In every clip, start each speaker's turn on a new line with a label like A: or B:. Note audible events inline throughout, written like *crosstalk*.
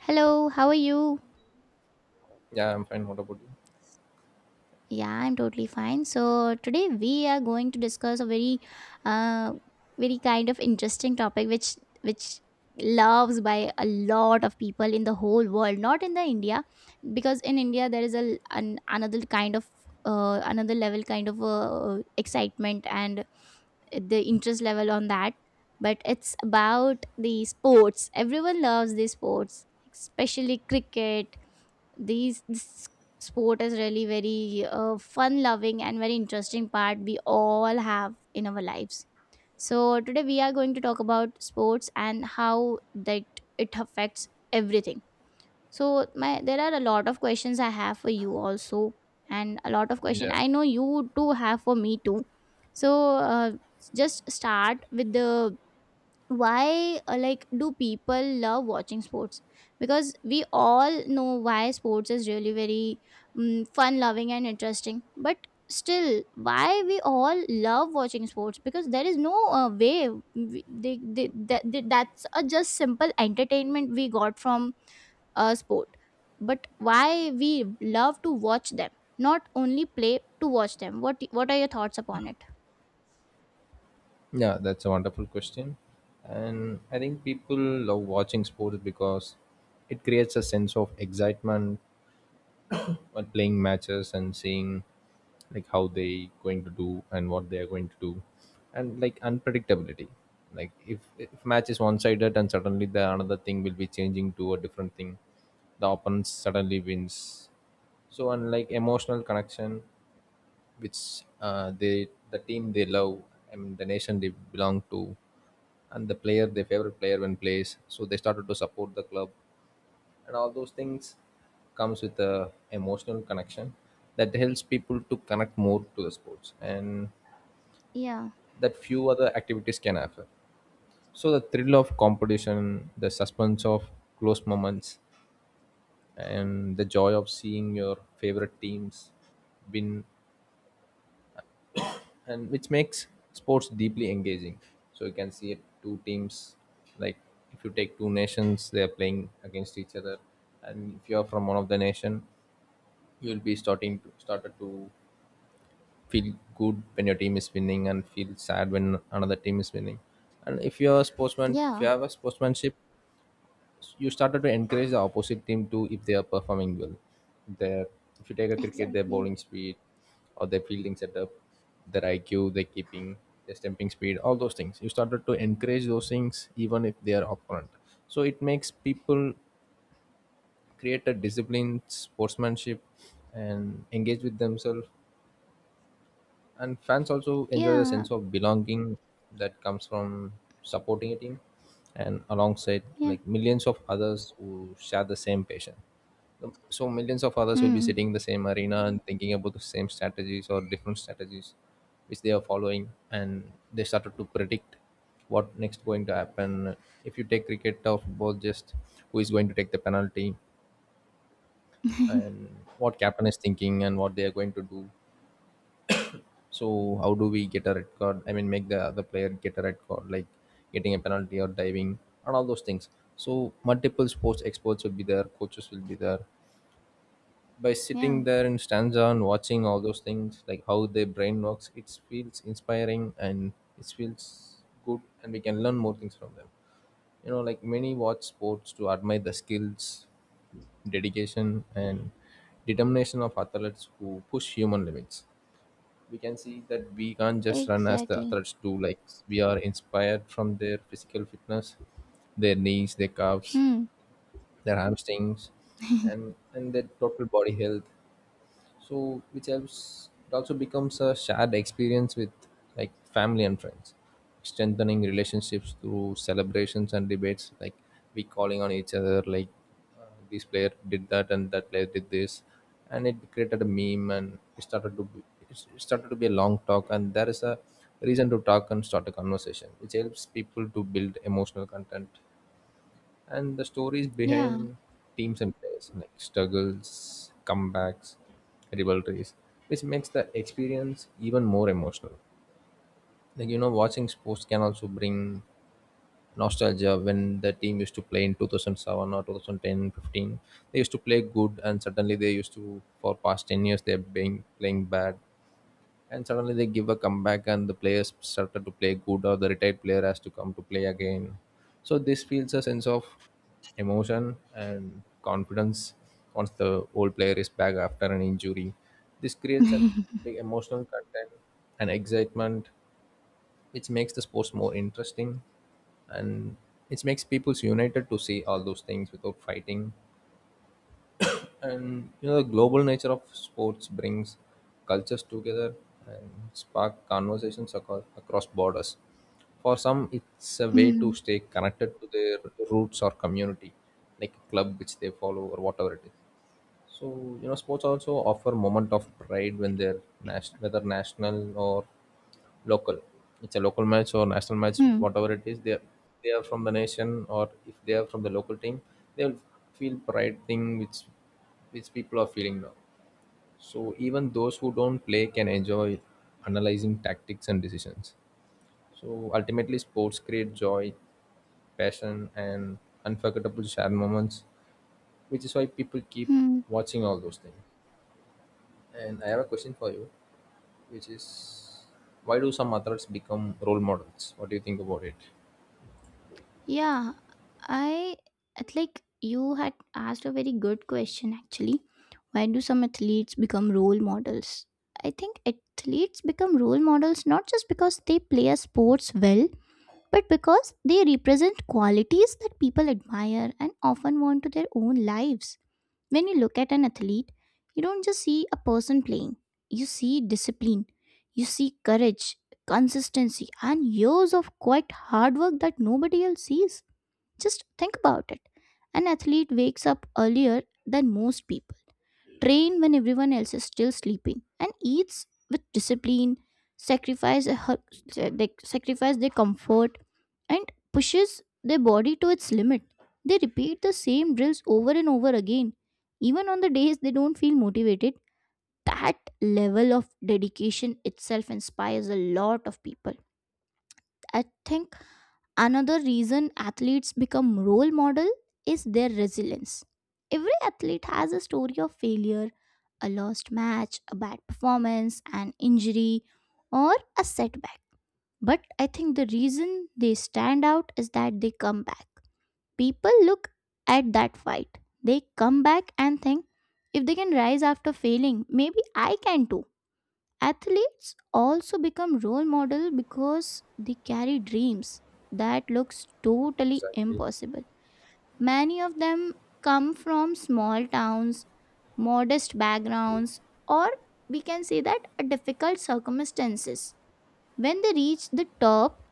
A: Hello, how are you?
B: Yeah, I'm fine. What about you?
A: Yeah, I'm totally fine. So today we are going to discuss a very, uh, very kind of interesting topic, which loves by a lot of people in the whole world, not in the India, because in India there is another kind of another level kind of excitement and the interest level on that. But it's about the sports. Everyone loves the sports, especially cricket these this sport is really very fun loving and very interesting part we all have in our lives. So today we are going to talk about sports and how that it affects everything. So my there are a lot of questions I have for you also, and a lot of question
B: Yeah,
A: I know you too have for me too. So uh, just start with the why, like, do people love watching sports? Because we all know why sports is really very, fun loving and interesting, but still why we all love watching sports? Because there is no way we, they, that they, that's a just simple entertainment we got from a sport. But why we love to watch them, not only play, to watch them? What are your thoughts upon it?
B: yeah, that's a wonderful question. And I think people love watching sports because it creates a sense of excitement *coughs* when playing matches and seeing, like, how they going to do and what they are going to do, and like unpredictability. Like if match is one sided and suddenly the another thing will be changing to a different thing, the opponent suddenly wins. So unlike emotional connection which they, the team they love, and the nation they belong to, and the player, their favorite player, when plays, so they started to support the club and all those things comes with a emotional connection that helps people to connect more to the sports, and
A: Yeah,
B: that few other activities can offer. So the thrill of competition, the suspense of close moments, and the joy of seeing your favorite teams win, and which makes sports deeply engaging. So you can see it, two teams, like, if you take two nations, they are playing against each other, and if you are from one of the nation, you will be starting to, started to feel good when your team is winning and feel sad when another team is winning. And if you are a sportsman, if you
A: yeah,
B: have a sportsmanship, you started to encourage the opposite team too if they are performing well. Their, if you take a cricket, their
A: exactly,
B: bowling speed or their fielding setup, their IQ, their keeping, their stamping speed, all those things. You started to encourage those things even if they are opponent. So it makes people create a disciplined sportsmanship and engage with themselves, and fans also enjoy the
A: yeah,
B: sense of belonging that comes from supporting a team, and alongside,
A: yeah.
B: like, millions of others who share the same passion. So millions of others will be
A: Hmm.
B: sitting in the same arena and thinking about the same strategies or different strategies which they are following, and they started to predict what next going to happen. If you take cricket or football, just who is going to take the penalty, and what captain is thinking and what they are going to do. So how do we get a red card? I mean, make the other player get a red card, like getting a penalty or diving and all those things. So multiple sports experts will be there, coaches will be there. By
A: Yeah.
B: sitting there in stanza and watching all those things, like how their brain works, it feels inspiring, and it feels good, and we can learn more things from them. You know, like many watch sports to admire the skills, dedication, and determination of athletes who push human limits. We can see that we can't just run as the
A: Exactly.
B: athletes do. Like, we are inspired from their physical fitness, their knees, their calves,
A: Hmm.
B: their hamstrings, and their total body health. So which helps, it also becomes a shared experience with, like, family and friends, strengthening relationships through celebrations and debates. Like, we calling on each other, like, uh, this player did that and that player did this, and it created a meme, and it started to be, it started to be a long talk, and there is a reason to talk and start a conversation which helps people to build emotional content and the stories
A: Yeah.
B: behind teams and players, like struggles, comebacks, rivalries, which makes the experience even more emotional. Like, you know, watching sports can also bring nostalgia when the team used to play in 2007 or 2010 15, they used to play good, and suddenly they used to, for past 10 years they've been playing bad, and suddenly they give a comeback and the players started to play good, or the retired player has to come to play again. So this feels a sense of emotion and confidence once the old player is back after an injury. This creates a
A: *laughs*
B: big emotional content and excitement which makes the sports more interesting, and it makes people united to see all those things without fighting. And you know the global nature of sports brings cultures together and spark conversations across borders. For some, it's a way to
A: Hmm.
B: stay connected to their roots or community, like a club which they follow or whatever it is. So, you know, sports also offer moment of pride when they're national, whether national or local. It's a local match or national match,
A: Hmm.
B: whatever it is. They are from the nation, or if they are from the local team, they'll feel pride thing which people are feeling now. So even those who don't play can enjoy analyzing tactics and decisions. So ultimately, sports create joy, passion, and unforgettable shared moments, which is why people keep
A: Hmm.
B: watching all those things. And I have a question for you, which is, why do some authors become role models? What do you think about it?
A: Yeah. I It's like you had asked a very good question actually. Why do some athletes become role models? I think athletes become role models not just because they play a sports well, but because they represent qualities that people admire and often want to their own lives. When you look at an athlete, you don't just see a person playing, you see discipline, you see courage, consistency, and years of quite hard work that nobody else sees. Just think about it. An athlete wakes up earlier than most people, train when everyone else is still sleeping, and eats with discipline, they sacrifice their comfort, and pushes their body to its limit. They repeat the same drills over and over again, even on the days they don't feel motivated. That level of dedication itself inspires a lot of people. I think Another reason athletes become role model is their resilience. Every athlete has a story of failure, a lost match, a bad performance, an injury, or a setback. But I think the reason they stand out is that they come back. People look at that fight. They come back and think, if they can rise after failing, maybe I can too. Athletes also become role model because they carry dreams that looks totally
B: Exactly.
A: impossible. Many of them come from small towns, modest backgrounds, or we can say that a difficult circumstances. When they reach the top,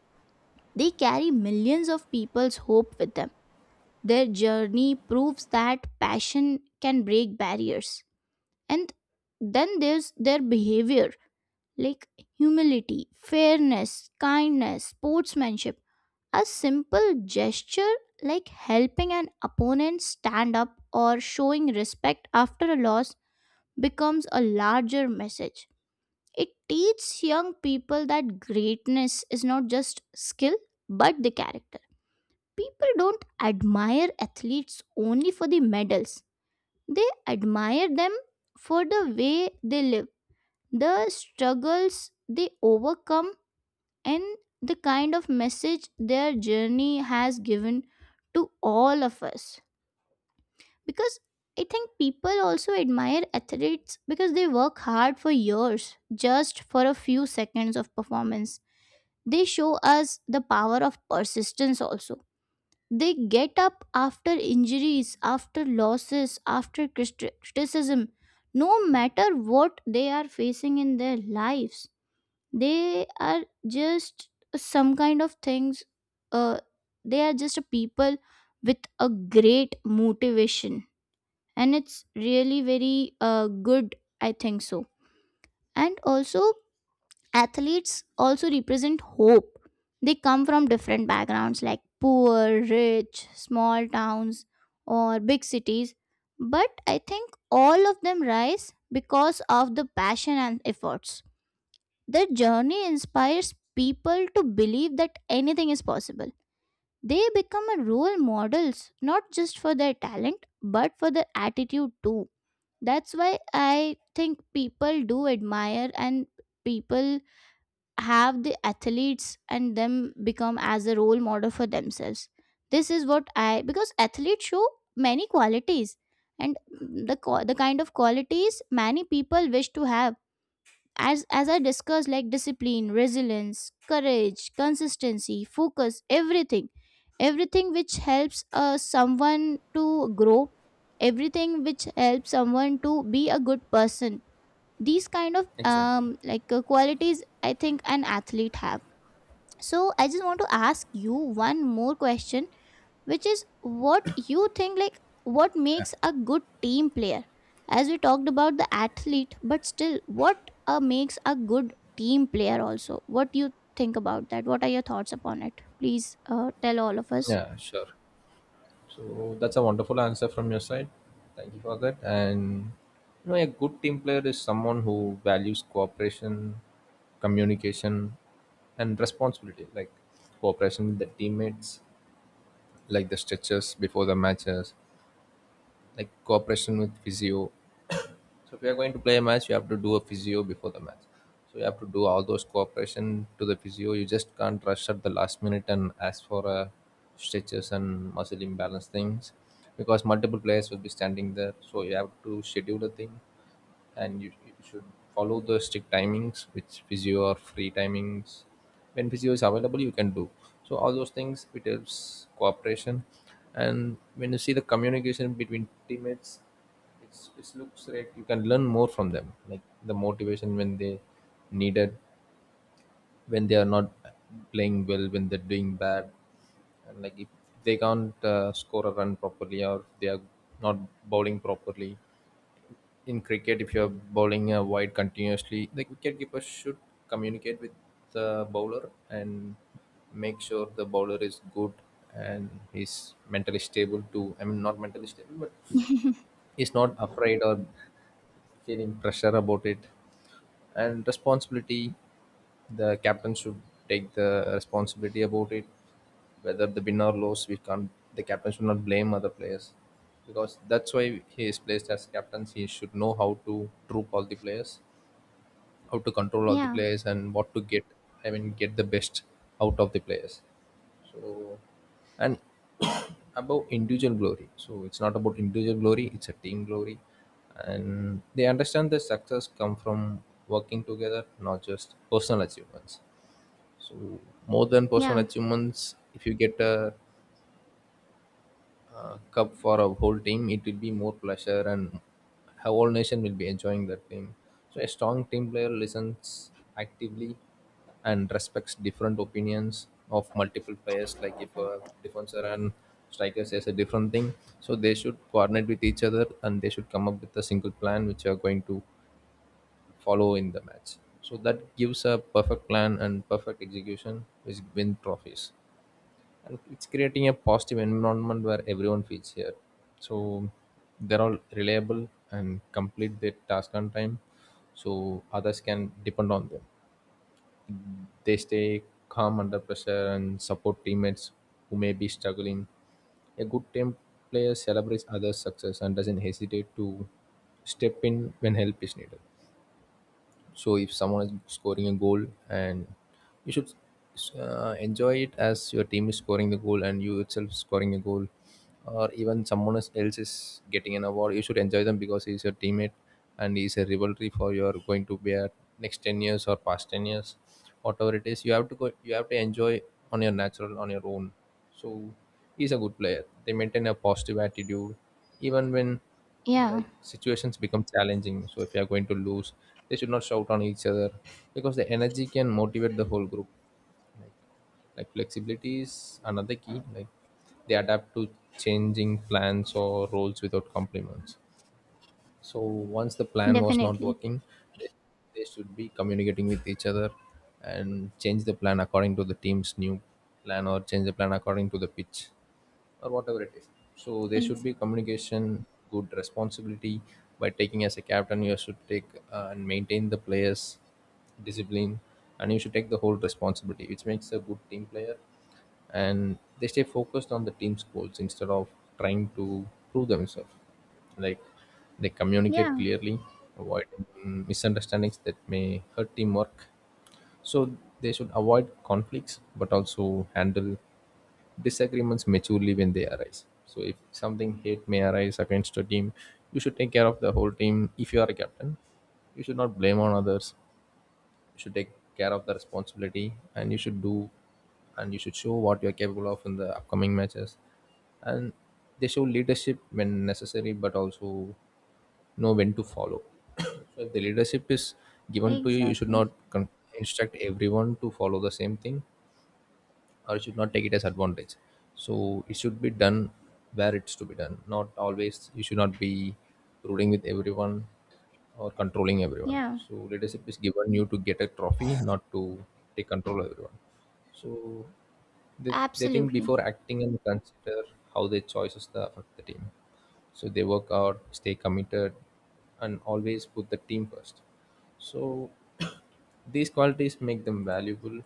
A: they carry millions of people's hope with them. Their journey proves that passion can break barriers. And then there's their behavior, like humility, fairness, kindness, sportsmanship. A simple gesture like helping an opponent stand up or showing respect after a loss becomes a larger message. It teaches young people that greatness is not just skill but the character. People don't admire athletes only for the medals, they admire them for the way they live, the struggles they overcome, and the kind of message their journey has given to all of us. Because I think people also admire athletes because they work hard for years just for a few seconds of performance. They show us the power of persistence also. They get up after injuries, after losses, after criticism, no matter what they are facing in their lives. They are just some kind of things, uh, they are just a people with a great motivation, and it's really very, good, I think so. And also, athletes also represent hope. They come from different backgrounds, like poor, rich, small towns or big cities, but I think all of them rise because of the passion and efforts. Their journey inspires people to believe that anything is possible. They become a role models not just for their talent but for their attitude too. That's why I think people do admire and people have the athletes and them become as a role model for themselves. This is what I, because athletes show many qualities, and the kind of qualities many people wish to have, as I discussed, like discipline, resilience, courage, consistency, focus, everything, everything which helps someone to grow, everything which helps someone to be a good person. These kind of,
B: Exactly.
A: qualities I think an athlete have. So I just want to ask you one more question, which is, what you think, like, what makes a good team player? As we talked about the athlete, but still what makes a good team player also? What do you think about that? What are your thoughts upon it? Please, tell all of us.
B: Yeah, sure. So that's a wonderful answer from your side. Thank you for that. And you know, a good team player is someone who values cooperation, communication, and responsibility, like cooperation with the teammates, like the stretches before the matches, like cooperation with physio. So if you are going to play a match, you have to do a physio before the match. So you have to do all those cooperation to the physio. You just can't rush at the last minute and ask for stretches and muscle imbalance things, because multiple players will be standing there. So you have to schedule the thing, and you should follow the strict timings, which physio or free timings. When physio is available, you can do. So all those things it helps cooperation. And when you see the communication between teammates, it's, it looks like you can learn more from them, like the motivation when they needed, when they are not playing well, when they're doing bad. And like if they can't score a run properly, or they are not bowling properly. In cricket, if you're bowling wide continuously, the wicketkeeper should communicate with the bowler and make sure the bowler is good and he's mentally stable too. I mean, not mentally stable, but he's not afraid or feeling pressure about it. And responsibility, the captain should take the responsibility about it, whether the win or lose. We can't, the captain should not blame other players, because that's why he is placed as captain. He should know how to troop all the players, how to control all the
A: Yeah,
B: players, and what to get, I mean, get the best out of the players. So, and *coughs* *clears throat* about individual glory, so it's not about individual glory, it's a team glory, and they understand that success come from working together, not just personal achievements. So, more than personal
A: yeah,
B: achievements, if you get a cup for a whole team, it will be more pleasure, and how whole nation will be enjoying that team. So a strong team player listens actively and respects different opinions of multiple players. Like if a defender and striker says a different thing, so they should coordinate with each other and they should come up with a single plan which are going to follow in the match. So that gives a perfect plan and perfect execution, which win trophies, and it's creating a positive environment where everyone feels here. So they're all reliable and complete their task on time so others can depend on them. They stay calm under pressure and support teammates who may be struggling. A good team player celebrates others success and doesn't hesitate to step in when help is needed. So if someone is scoring a goal, and you should enjoy it as your team is scoring the goal and you itself scoring a goal, or even someone else is getting an award, you should enjoy them because he is your teammate, and he is a rivalry for your going to be at next 10 years or past 10 years, whatever it is. You have to go, you have to enjoy on your natural, on your own. So he's a good player. They maintain a positive attitude even when,
A: yeah,
B: like, situations become challenging. So if you are going to lose, they should not shout on each other, because the energy can motivate the whole group. Like, like flexibility is another key. Like, they adapt to changing plans or roles without compliments. So once the plan was not
A: definitely.
B: working, they, they should be communicating with each other and change the plan according to the team's new plan, or change the plan according to the pitch or whatever it is. So there should
A: Ex-
B: be communication, good responsibility by taking as a captain. You should take and maintain the players' discipline, and you should take the whole responsibility, which makes a good team player. And they stay focused on the team's goals instead of trying to prove themselves. Like, they communicate
A: yeah,
B: clearly, avoid misunderstandings that may hurt teamwork. So they should avoid conflicts, but also handle disagreements maturely when they arise. So if something hate may arise against your team, you should take care of the whole team. If you are a captain, you should not blame on others. You should take care of the responsibility, and you should do, and you should show what you are capable of in the upcoming matches. And they show leadership when necessary, but also know when to follow. *coughs* So if the leadership is given to you, you should
A: exactly,
B: not instruct everyone to follow the same thing, or should not take it as advantage. So it should be done where it's to be done. Not always you should not be ruling with everyone or controlling everyone.
A: yeah,
B: So leadership is given you to get a trophy, not to take control of everyone. So they think
A: absolutely,
B: before acting and consider how their choices affect the team. So they work out, stay committed, and always put the team first. So *coughs* *clears throat* these qualities make them valuable,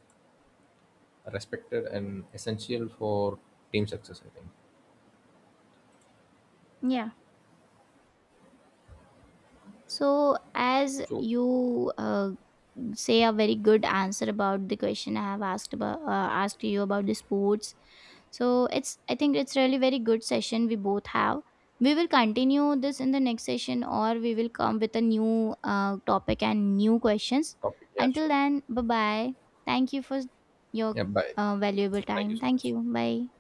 B: respected, and essential for team success, I think.
A: yeah. So, as
B: So,
A: you, say a very good answer about the question I have asked about, asked you about the sports. So it's, I think it's really very good session we both have. We will continue this in the next session, or we will come with a new topic and new questions.
B: topic, yeah,
A: Until
B: sure.
A: then, bye bye. Thank you for your,
B: Yeah, bye.
A: valuable
B: Thank you
A: time.
B: so
A: Thank
B: much.
A: you. Bye.